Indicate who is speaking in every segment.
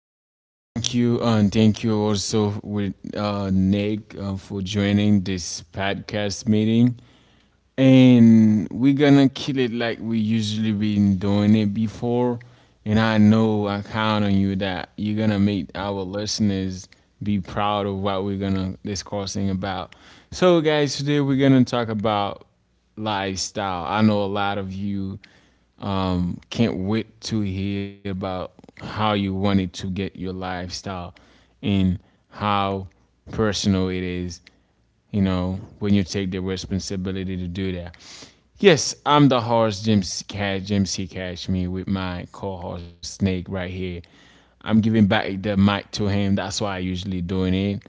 Speaker 1: guys. Thank you, and thank you also with Nick, for joining this podcast meeting, and we're gonna kill it like we usually been doing it before. And I know I count on you that you're gonna make our listeners be proud of what we're gonna discussing about. So, guys, today we're gonna talk about lifestyle. I know a lot of you can't wait to hear about how you wanted to get your lifestyle and how personal it is, you know, when you take the responsibility to do that. Yes, I'm the host, James Cash, James C. Cash, me with my co-host Snake right here. I'm giving back the mic to him. That's why I usually doing it,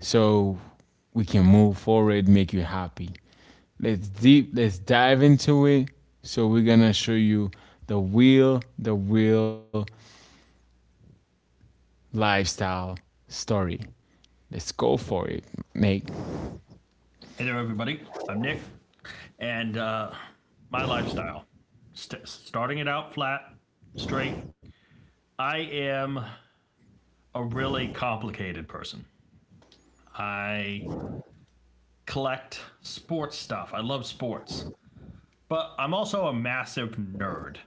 Speaker 1: so we can move forward, make you happy. Let's deep. Let's dive into it. So we're gonna show you the real lifestyle story. Let's go for it, Nate.
Speaker 2: Hey there, everybody. I'm Nick, and my lifestyle starting it out flat, straight. I am a really complicated person. I collect sports stuff, I love sports, but I'm also a massive nerd.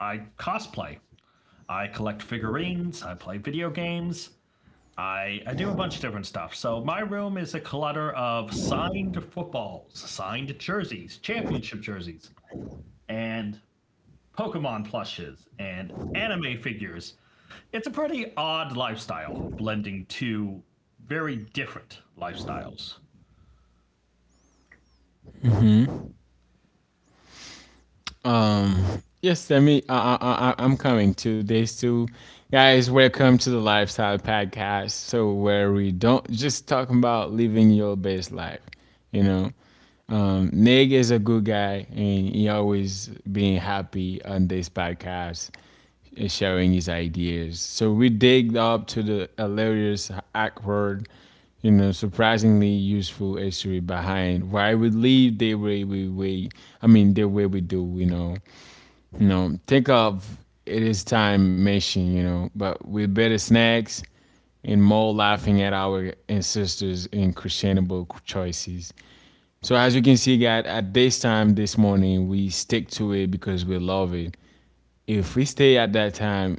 Speaker 2: I cosplay, I collect figurines, I play video games. I do a bunch of different stuff. So, my room is a clutter of signed footballs, signed jerseys, championship jerseys, and Pokemon plushes, and anime figures. It's a pretty odd lifestyle, blending two very different lifestyles.
Speaker 1: Yes, I mean, I'm coming to this too. Guys, welcome to the Lifestyle Podcast. So, where we don't just talk about living your best life, you know. Neg is a good guy and he always being happy on this podcast and sharing his ideas. So, we dig up to the hilarious, awkward, you know, surprisingly useful history behind why we live the way we I mean, the way we do, you know. You know, think of it is time machine, you know, but with better snacks and more laughing at our ancestors' and questionable choices. So as you can see, guys, at this time this morning, we stick to it because we love it. If we stay at that time,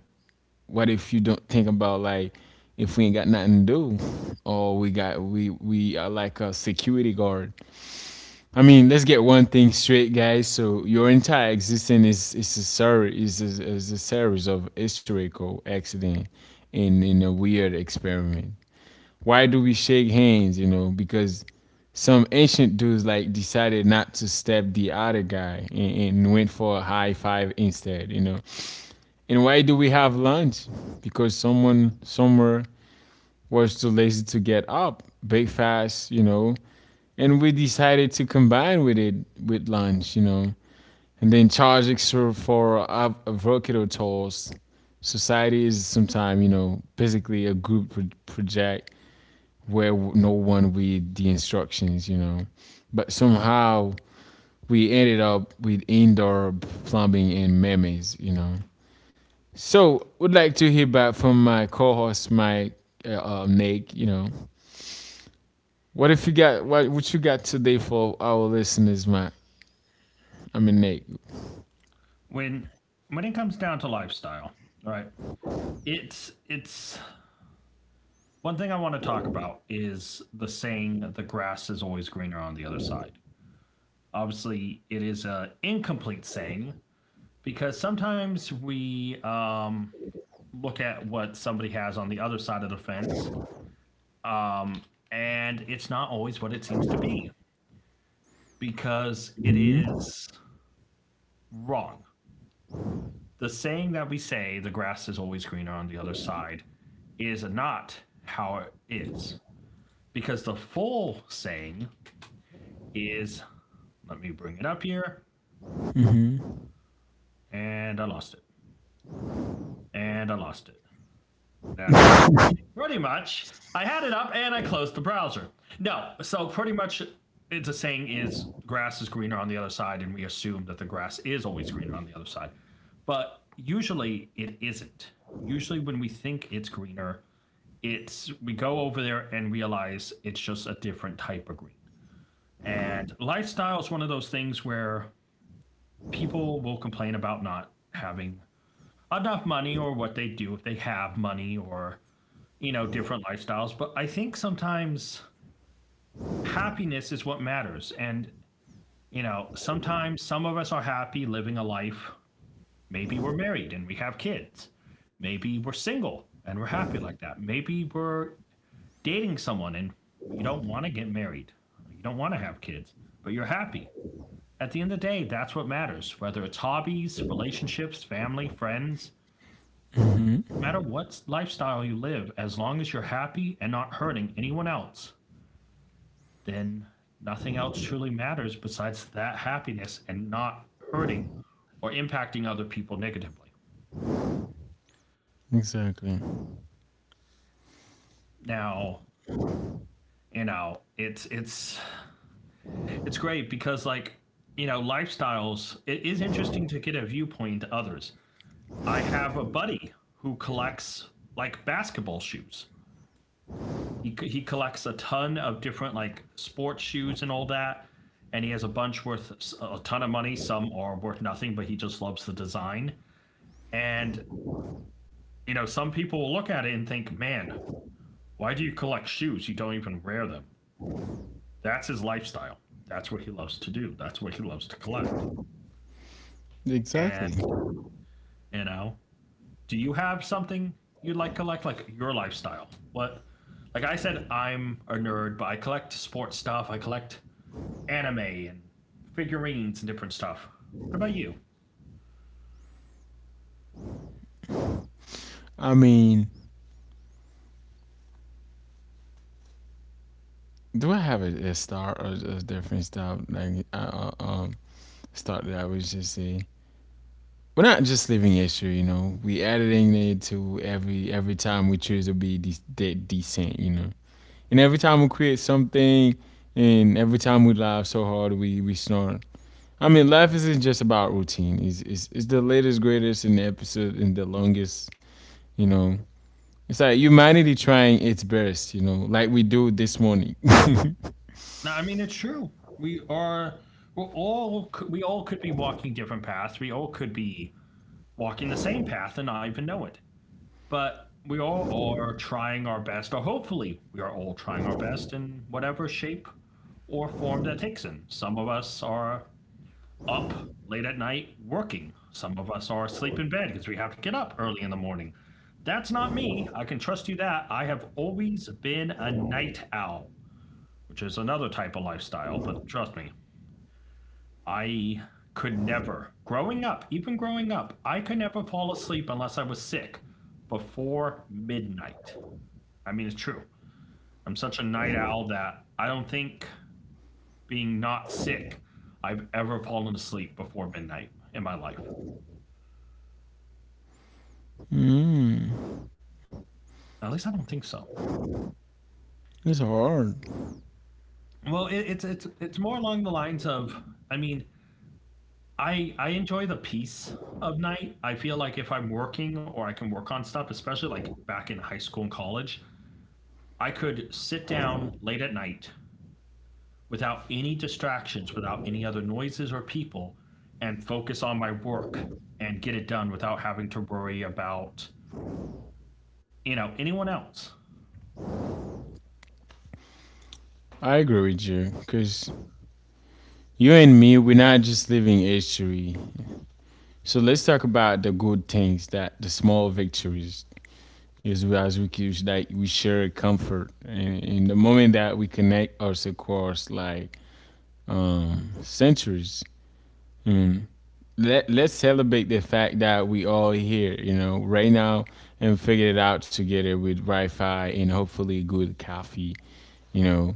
Speaker 1: what if you don't think about, like, if we ain't got nothing to do, or we got we are like a security guard. I mean, let's get one thing straight, guys. So your entire existence is a series of historical accident in a weird experiment. Why do we shake hands? You know, because some ancient dudes like decided not to stab the other guy and went for a high five instead. You know, and why do we have lunch? Because someone somewhere was too lazy to get up, bake fast. You know, and we decided to combine with it with lunch, you know, and then charge extra for avocado toast. Society is sometimes, you know, basically a group project where no one read the instructions, you know, but somehow we ended up with indoor plumbing and memes, you know. So would like to hear back from my co-host, Mike, uh, Nick. You know, what if you got what you got today for our listeners, Mike? I mean, Nick.
Speaker 2: When when it comes down to lifestyle, right? It's one thing I want to talk about is the saying that the grass is always greener on the other side. Obviously, it is an incomplete saying because sometimes we look at what somebody has on the other side of the fence. Um, and it's not always what it seems to be because it is wrong. The saying that we say, the grass is always greener on the other side, is not how it is. Because the full saying is, let me bring it up here, and I lost it, and I lost it. That's great. Pretty much, I had it up and I closed the browser. No, so pretty much, it's a saying is grass is greener on the other side, and we assume that the grass is always greener on the other side, but usually it isn't. Usually, when we think it's greener, it's we go over there and realize it's just a different type of green. And lifestyle is one of those things where people will complain about not having enough money or what they do if they have money or you know, different lifestyles. But I think sometimes happiness is what matters. And, you know, sometimes some of us are happy living a life. Maybe we're married and we have kids. Maybe we're single and we're happy like that. Maybe we're dating someone and you don't want to get married. You don't want to have kids, but you're happy. At the end of the day, that's what matters. Whether it's hobbies, relationships, family, friends, no matter what lifestyle you live, as long as you're happy and not hurting anyone else, then nothing else truly matters besides that happiness and not hurting or impacting other people negatively.
Speaker 1: Exactly.
Speaker 2: Now, you know, it's great because like, you know, lifestyles it is interesting to get a viewpoint to others. I have a buddy who collects like basketball shoes. He collects a ton of different like sports shoes and all that and he has a bunch worth a ton of money. Some are worth nothing, but he just loves the design. And you know, some people will look at it and think, man, why do you collect shoes? You don't even wear them. That's his lifestyle. That's what he loves to do. That's what he loves to collect.
Speaker 1: Exactly.
Speaker 2: And, you know, do you have something you would like collect? Like your lifestyle? What? Like I said, I'm a nerd, but I collect sports stuff. I collect anime and figurines and different stuff. What about you?
Speaker 1: I mean, do I have a start or a different start? Like, start that I would just say. We're not just living history, you know. We adding it to every time we choose to be decent, you know. And every time we create something, and every time we laugh so hard, we snort. I mean, life isn't just about routine. It's the latest, greatest, and the episode, and the longest, you know. It's like humanity trying its best, you know, like we do this morning.
Speaker 2: No, I mean, it's true. We are, we're all, we all could be walking different paths. We all could be walking the same path and not even know it. But we all are trying our best, or hopefully we are all trying our best in whatever shape or form that takes in. Some of us are up late at night working. Some of us are asleep in bed because we have to get up early in the morning. That's not me. I can trust you that. I have always been a night owl, which is another type of lifestyle, but trust me, I could never, growing up, even growing up, I could never fall asleep unless I was sick before midnight. I mean, it's true. I'm such a night owl that I don't think being not sick, I've ever fallen asleep before midnight in my life.
Speaker 1: Mm,
Speaker 2: At least I don't think so.
Speaker 1: it's hard.
Speaker 2: Well, it, it's more along the lines of I mean, I enjoy the peace of night. I feel like if I'm working or I can work on stuff, especially like back in high school and college, I could sit down late at night without any distractions, without any other noises or people, and focus on my work and get it done without having to worry about, you know, anyone else.
Speaker 1: I agree with you, because you and me, we're not just living history. So let's talk about the good things, that the small victories is as we keep, like, we share comfort and in the moment that we connect us across, like, um, centuries. Mm. let let's celebrate the fact that we all here, you know, right now and figure it out together with Wi-Fi and hopefully good coffee, you know.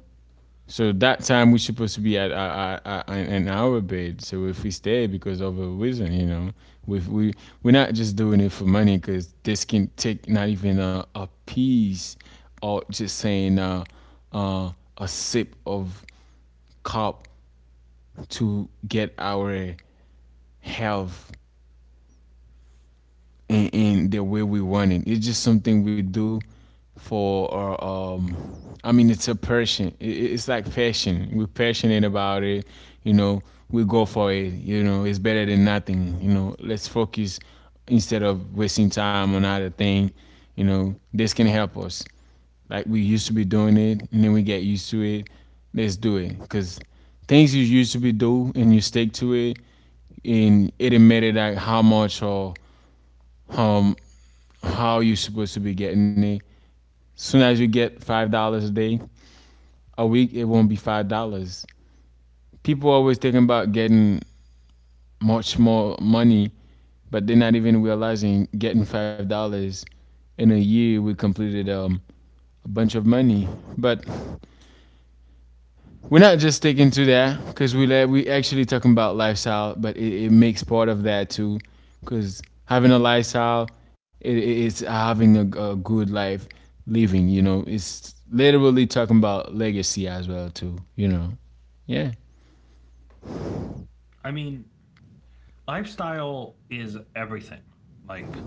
Speaker 1: So that time we're supposed to be at, in our bed. So if we stay because of a reason, you know, we we're not just doing it for money, because this can take not even a piece, or just saying uh, a sip of cup to get our health in the way we want it. It's just something we do for our. Um, I mean, it's a passion. It's like passion. We're passionate about it. You know, we go for it. You know, it's better than nothing. You know, let's focus instead of wasting time on other thing. You know, this can help us. Like we used to be doing it, and then we get used to it. Let's do it because things you used to be do and you stick to it, and it didn't matter like how much or how how you supposed to be getting it. Soon as you get $5 a day, a week it won't be $5. People are always thinking about getting much more money, but they're not even realizing getting $5 in a year we completed, a bunch of money. But we're not just sticking to that because we let we actually talking about lifestyle, but it makes part of that too, because having a lifestyle it, it's having a good life living. You know, it's literally talking about legacy as well too. You know, yeah.
Speaker 2: I mean, lifestyle is everything. Like,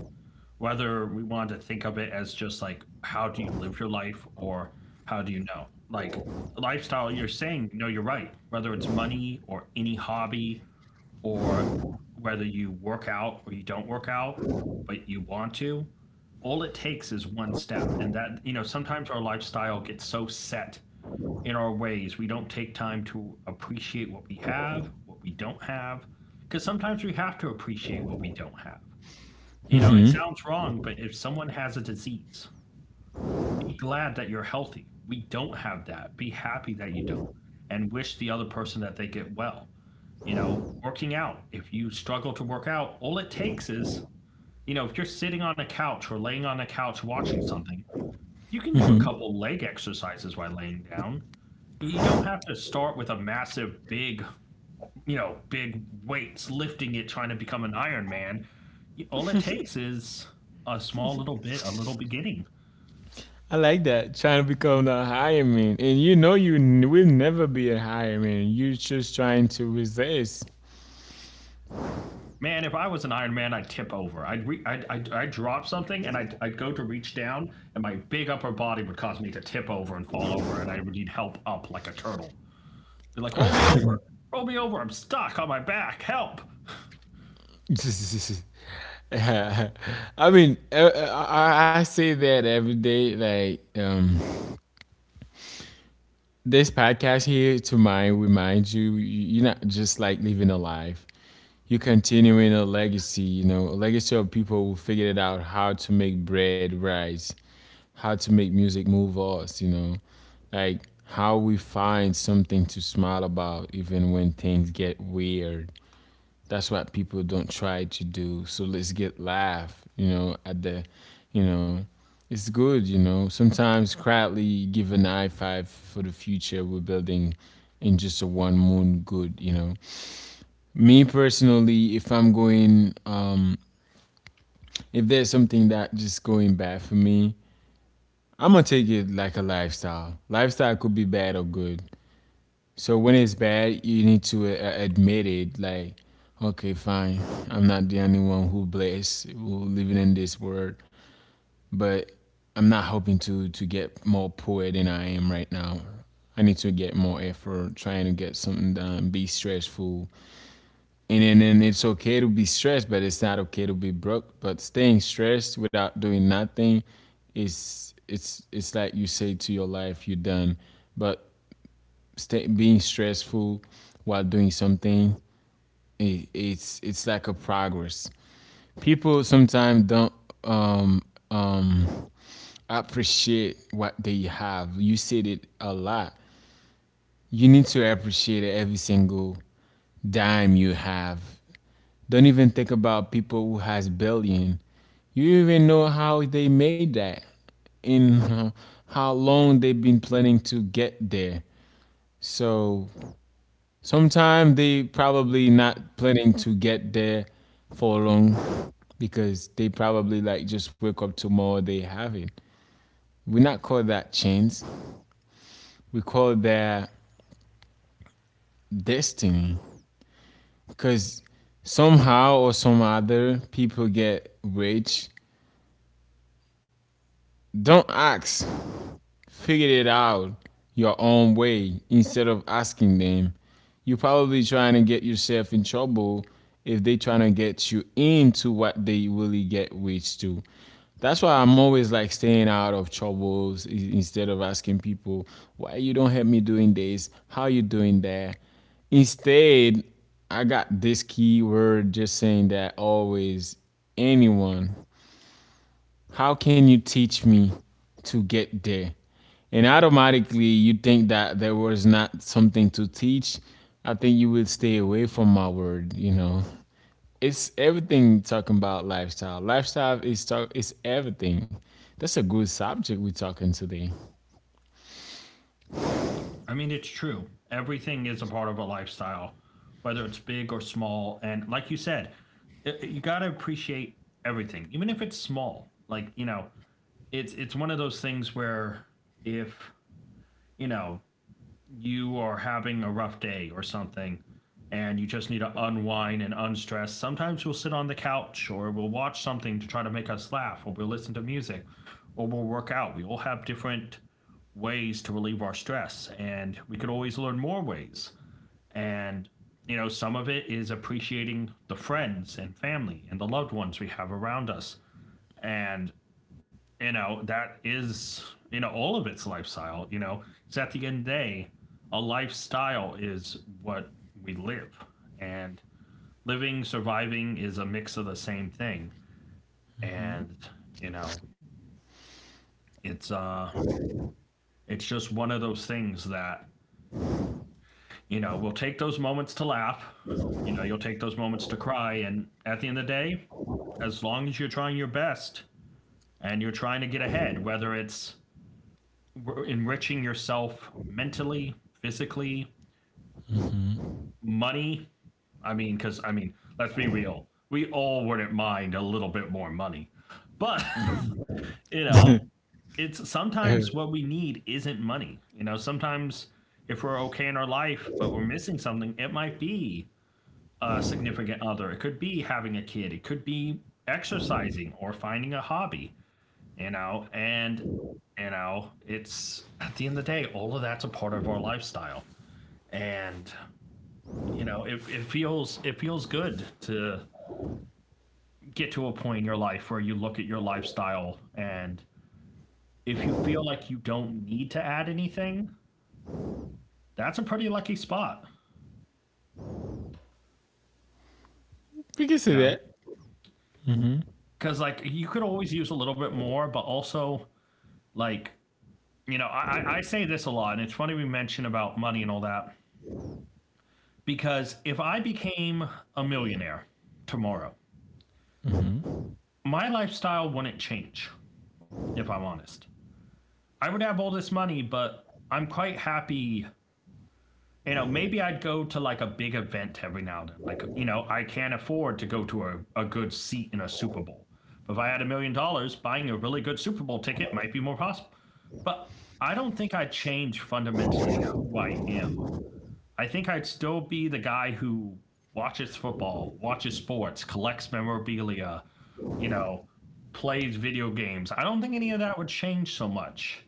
Speaker 2: whether we want to think of it as just like, how do you live your life or how do you know? Like, lifestyle, you're saying, no, you're right. Whether it's money or any hobby or whether you work out or you don't work out, but you want to, all it takes is one step. And that, you know, sometimes our lifestyle gets so set in our ways, we don't take time to appreciate what we have, what we don't have, because sometimes we have to appreciate what we don't have. You know, it sounds wrong, but if someone has a disease, be glad that you're healthy. We don't have that. Be happy that you don't and wish the other person that they get well. You know, working out. If you struggle to work out, all it takes is, you know, if you're sitting on a couch or laying on a couch watching something, you can do a couple leg exercises while laying down. You don't have to start with a massive, big, you know, big weights, lifting it, trying to become an Iron Man. All it takes is a small little bit, a little beginning.
Speaker 1: I like that trying to become a higher man, and you know you will never be a higher man. You're just trying to resist.
Speaker 2: Man, if I was an Iron Man, I'd tip over. I'd, I'd drop something and I'd go to reach down, and my big upper body would cause me to tip over and fall over, and I would need help up like a turtle. Be like, roll me over, roll me over. I'm stuck on my back. Help!
Speaker 1: I mean, I say that every day, like. This podcast here to mind reminds you you're not just like living a life. You're continuing a legacy, you know, a legacy of people who figured out how to make bread rise, how to make music move us, you know. Like how we find something to smile about even when things get weird. That's what people don't try to do. So let's get laugh, you know, at the, you know, it's good, you know. Sometimes quietly give an high five for the future we're building in just a one moon good, you know. Me personally, if I'm going, if there's something that just going bad for me, I'm gonna take it like a lifestyle. Lifestyle could be bad or good. So when it's bad, you need to admit it. Like, okay, fine, I'm not the only one who blessed who living in this world, but I'm not hoping to get more poor than I am right now. I need to get more effort, trying to get something done, be stressful, and then and it's okay to be stressed, but it's not okay to be broke. But staying stressed without doing nothing is it's like you say to your life, you're done. But being stressful while doing something it, it's like a progress. People sometimes don't um um appreciate what they have. You said it a lot. You need to appreciate every single dime you have. Don't even think about people who has billion. You even know how they made that, and, how long they've been planning to get there. So sometime they probably not planning to get there for long, because they probably like just wake up tomorrow they have it. We not call that chance. We call that destiny. Cause somehow or some other people get rich. Don't ask. Figured it out your own way instead of asking them. You're probably trying to get yourself in trouble if they trying to get you into what they really get rich to. That's why I'm always like staying out of troubles instead of asking people why you don't help me doing this, how you doing that. Instead, I got this keyword just saying that always anyone how can you teach me to get there? And automatically, you think that there was not something to teach. I think you would stay away from my word, you know. It's everything talking about lifestyle. Lifestyle is talk it's everything. That's a good subject we're talking today.
Speaker 2: I mean, it's true. Everything is a part of a lifestyle, whether it's big or small. And like you said, you got to appreciate everything, even if it's small. Like you know, it's one of those things where if you know you are having a rough day or something and you just need to unwind and unstress. Sometimes we'll sit on the couch or we'll watch something to try to make us laugh or we'll listen to music or we'll work out. We all have different ways to relieve our stress and we could always learn more ways. And you know, some of it is appreciating the friends and family and the loved ones we have around us and you know that is you know all of its lifestyle you know because at the end of the day a lifestyle is what we live and living surviving is a mix of the same thing and you know it's it's just one of those things that you know we'll take those moments to laugh you know you'll take those moments to cry and at the end of the day as long as you're trying your best and you're trying to get ahead whether it's enriching yourself mentally, physically, money. I mean, because I mean, let's be real, we all wouldn't mind a little bit more money, but you know, it's sometimes what we need isn't money. You know, sometimes if we're okay in our life, but we're missing something, it might be a significant other. It could be having a kid. It could be exercising or finding a hobby you know, and you know, it's at the end of the day, all of that's a part of our lifestyle, and you know, it, it feels good to get to a point in your life where you look at your lifestyle and if you feel like you don't need to add anything, that's a pretty lucky spot,
Speaker 1: We can
Speaker 2: you
Speaker 1: say
Speaker 2: know?
Speaker 1: that.
Speaker 2: Because, like, you could always use a little bit more, but also, like, you know, I say this a lot, and it's funny we mention about money and all that, because if I became a millionaire tomorrow, my lifestyle wouldn't change if I'm honest. I would have all this money, but I'm quite happy. You know, maybe I'd go to like a big event every now and then. Like, you know, I can't afford to go to a good seat in a Super Bowl. But if I had $1 million, buying a really good Super Bowl ticket might be more possible. But I don't think I change fundamentally who I am. I think I'd still be the guy who watches football, watches sports, collects memorabilia, you know, plays video games. I don't think any of that would change so much.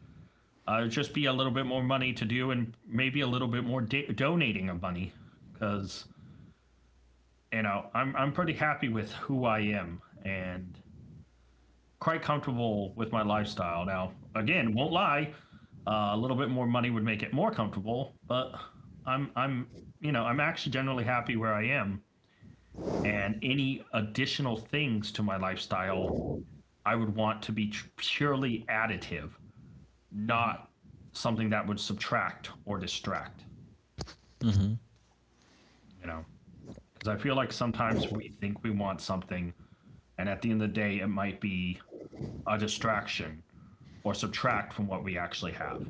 Speaker 2: It'd just be a little bit more money to do, and maybe a little bit more donating of money, because you know I'm pretty happy with who I am, and quite comfortable with my lifestyle now. Again, won't lie, a little bit more money would make it more comfortable, but I'm you know I'm actually generally happy where I am, and any additional things to my lifestyle I would want to be purely additive, not something that would subtract or distract. You know, because I feel like sometimes we think we want something, and at the end of the day, it might be a distraction or subtract from what we actually have.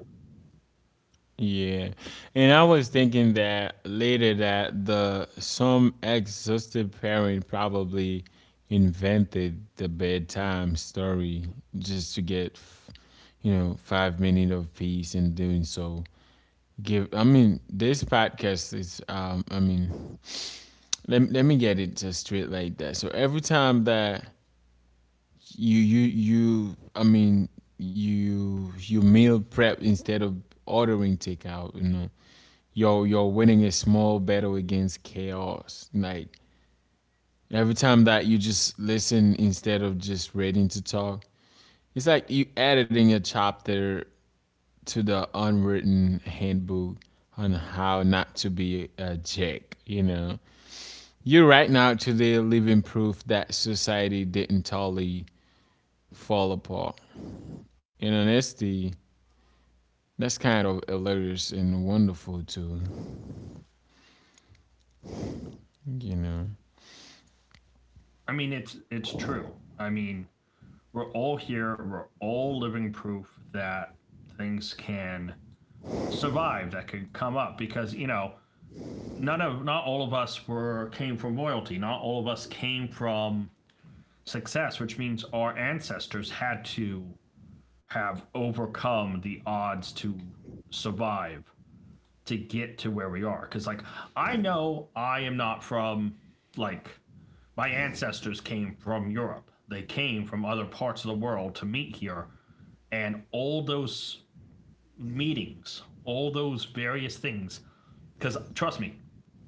Speaker 1: Yeah, and I was thinking that later that the some exhausted parent probably invented the bedtime story just to get, you know, 5 minutes of peace in doing so. Give, I mean, this podcast is, I mean, let, let me get it just straight like that. So every time that you I mean you meal prep instead of ordering takeout, you know, you're winning a small battle against chaos, like every time that you just listen instead of just reading to talk, it's like you editing a chapter to the unwritten handbook on how not to be a jerk, you know. You right now today living proof that society didn't totally fall apart in honesty. That's kind of hilarious and wonderful too, you know.
Speaker 2: I mean, it's true. I mean, we're all here. We're all living proof that things can survive, that could come up, because you know, none of not all of us were came from royalty. Not all of us came from success, which means our ancestors had to have overcome the odds to survive to get to where we are. Because like I know I am not from like my ancestors came from Europe. They came from other parts of the world to meet here. And all those meetings, all those various things, because trust me,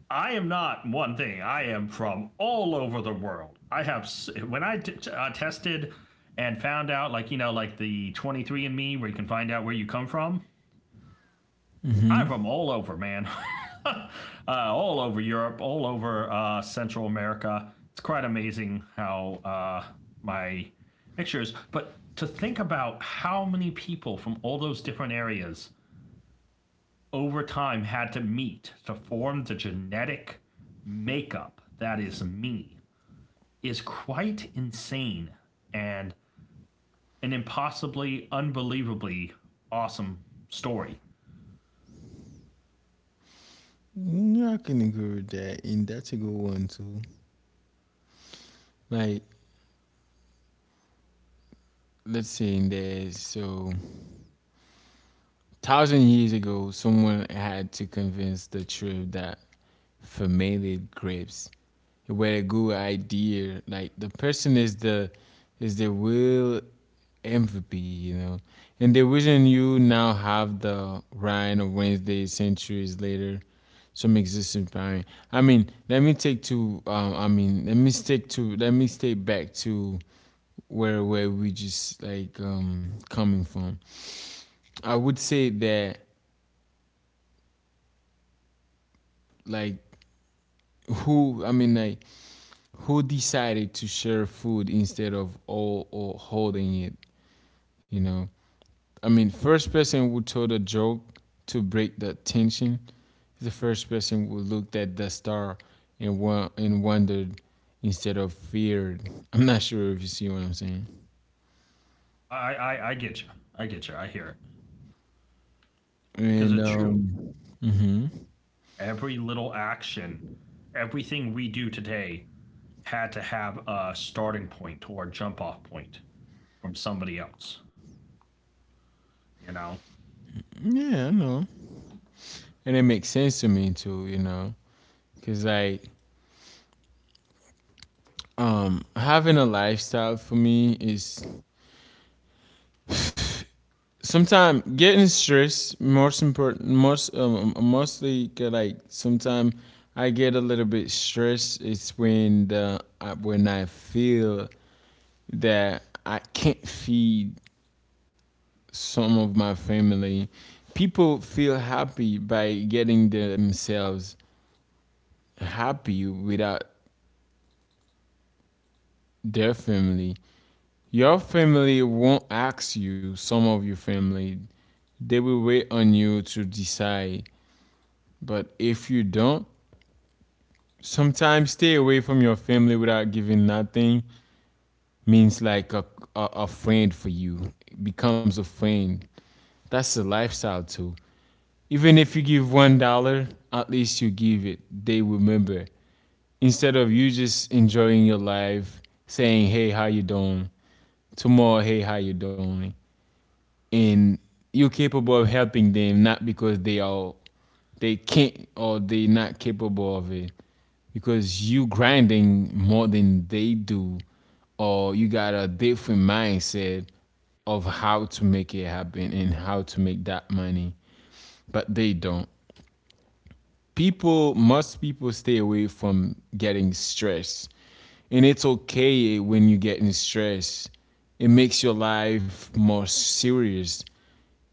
Speaker 2: I am not one thing. I am from all over the world. I have, when I tested and found out, like, you know, like the 23andMe, where you can find out where you come from, I'm
Speaker 1: Mm-hmm.
Speaker 2: from all over, man. uh, all over Europe, all over Central America. It's quite amazing how my mixtures. But to think about how many people from all those different areas over time had to meet to form the genetic makeup that is me is quite insane and an impossibly, unbelievably awesome story.
Speaker 1: Mm, I can agree with that. And that's a good one too. Like, let's say in there, so thousand years ago, someone had to convince the tribe that fermented grapes were a good idea. Like the person is the will empathy, you know. And the reason you now have the Ryan of Wednesday centuries later, some existing parent. I mean, let me stick to let me stay back to where we just like coming from. I would say that like who I mean like who decided to share food instead of all or holding it, you know. I mean, first person who told a joke to break the tension is the first person who looked at the star and wondered instead of feared. I'm not sure if you see what I'm saying.
Speaker 2: I get you. I get you. I hear it because
Speaker 1: And
Speaker 2: it's true.
Speaker 1: hmm
Speaker 2: Every little action, everything we do today had to have a starting point or a jump off point from somebody else, you know?
Speaker 1: yeah, I know, and it makes sense to me too, you know, because like having a lifestyle for me is sometimes getting stressed most important mostly 'cause, like sometimes I get a little bit stressed. It's when when I feel that I can't feed some of my family. People feel happy by getting themselves happy without their family. Your family won't ask you, some of your family, they will wait on you to decide. But if you don't, sometimes stay away from your family without giving nothing, means like a friend for you, it becomes a friend. That's a lifestyle too. Even if you give $1, at least you give it, they remember, instead of you just enjoying your life saying, hey, how you doing, tomorrow hey how you doing, and you're capable of helping them. Not because they are, they can't or they not capable of it, because you grinding more than they do, or you got a different mindset of how to make it happen and how to make that money, but they don't. People, most people stay away from getting stressed, and it's okay when you're getting stressed. It makes your life more serious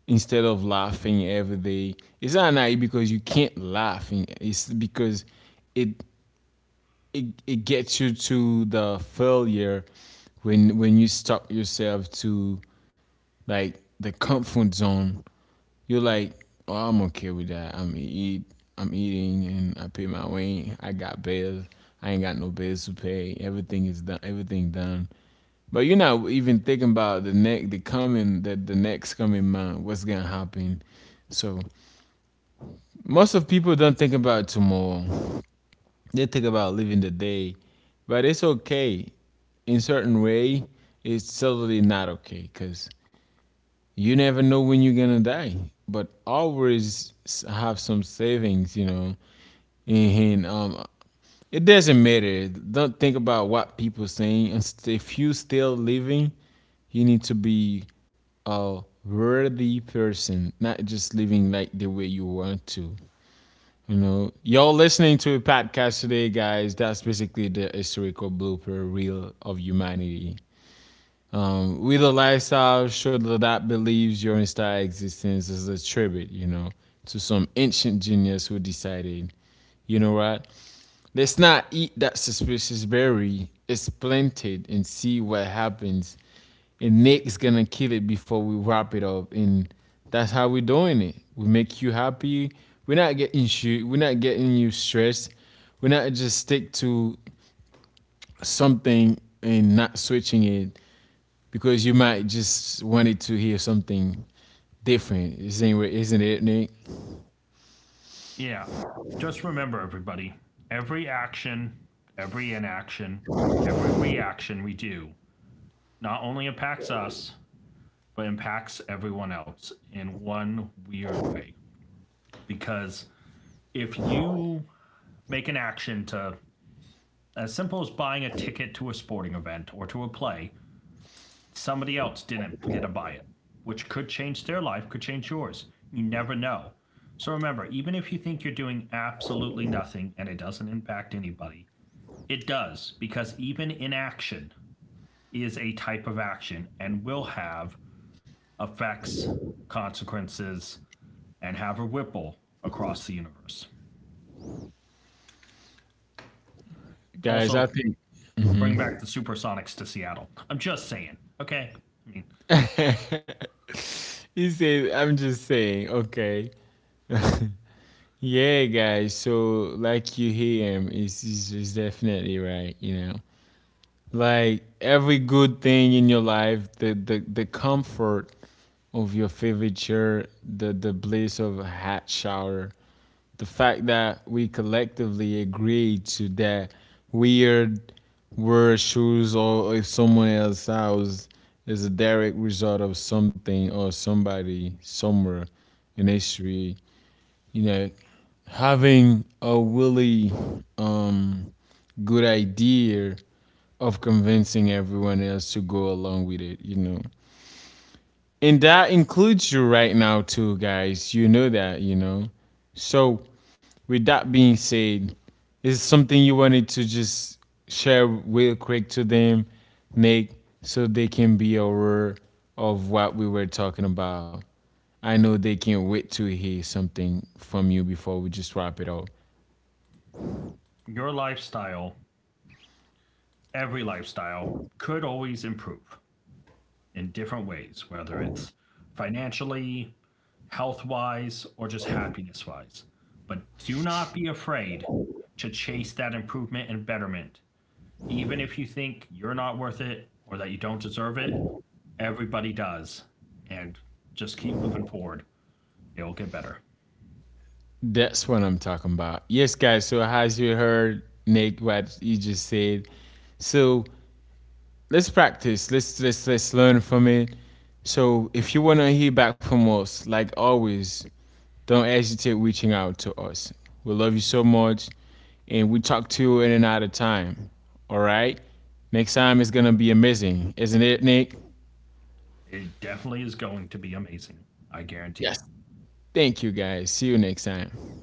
Speaker 1: instead of laughing every day. It's not naive because you can't laugh. It's because it it gets you to the failure when you stop yourself to like the comfort zone. You're like, oh, I'm okay with that. I'm eating, and I pay my way. I got bills. I ain't got no bills to pay. Everything is done. Everything done. But you're not even thinking about the next coming month. What's gonna happen? So most of people don't think about tomorrow. They think about living the day. But it's okay. In certain way, it's totally not okay because you never know when you're gonna die, but always have some savings, you know. And it doesn't matter. Don't think about what people saying. If you still living, you need to be a worthy person, not just living like the way you want to. You know, y'all listening to a podcast today, guys. That's basically the historical blooper reel of humanity. With a lifestyle show that believes your entire existence is a tribute, you know, to some ancient genius who decided, you know what, let's not eat that suspicious berry, it's planted and see what happens. And Nick's gonna kill it before we wrap it up. And that's how we're doing it. We make you happy. We're not getting you stressed. We're not just stick to something and not switching it, because you might just wanted to hear something different, isn't it? Isn't it, Nick?
Speaker 2: Yeah. Just remember, everybody, every action, every inaction, every reaction we do not only impacts us, but impacts everyone else in one weird way. Because if you make an action to as simple as buying a ticket to a sporting event or to a play, somebody else didn't get to buy it, which could change their life, could change yours. You never know. So remember, even if you think you're doing absolutely nothing and it doesn't impact anybody, it does because even inaction is a type of action and will have effects, consequences, and have a ripple across the universe.
Speaker 1: Guys, I
Speaker 2: Also,
Speaker 1: think
Speaker 2: bring back the Supersonics to Seattle. I'm just saying, okay? I mean,
Speaker 1: he said. I'm just saying. Okay, yeah, guys. So like you hear him, is definitely right. You know. Like every good thing in your life, the comfort of your favorite chair, the bliss of a hot shower, the fact that we collectively agreed to that weird wear shoes or if someone else house is a direct result of something or somebody somewhere in history, you know, having a really um, good idea of convincing everyone else to go along with it, you know, and that includes you right now too, guys, you know that, you know. So with that being said, is something you wanted to just share real quick to them, Nick, so they can be aware of what we were talking about. I know they can't wait to hear something from you before we just wrap it up.
Speaker 2: your lifestyle, every lifestyle, could always improve in different ways, whether it's financially, health wise, or just happiness wise. But do not be afraid to chase that improvement and betterment. Even if you think you're not worth it or that you don't deserve it, everybody does. And just keep moving forward. It will get better.
Speaker 1: That's what I'm talking about. Yes, guys, so as you heard Nick what he just said. So let's practice. Let's learn from it. So if you wanna hear back from us, like always, don't hesitate reaching out to us. We love you so much, and we talk to you in and out of time. All right. Next time is gonna be amazing, isn't it, Nick?
Speaker 2: It definitely is going to be amazing. I guarantee it.
Speaker 1: Yes. Thank you, guys. See you next time.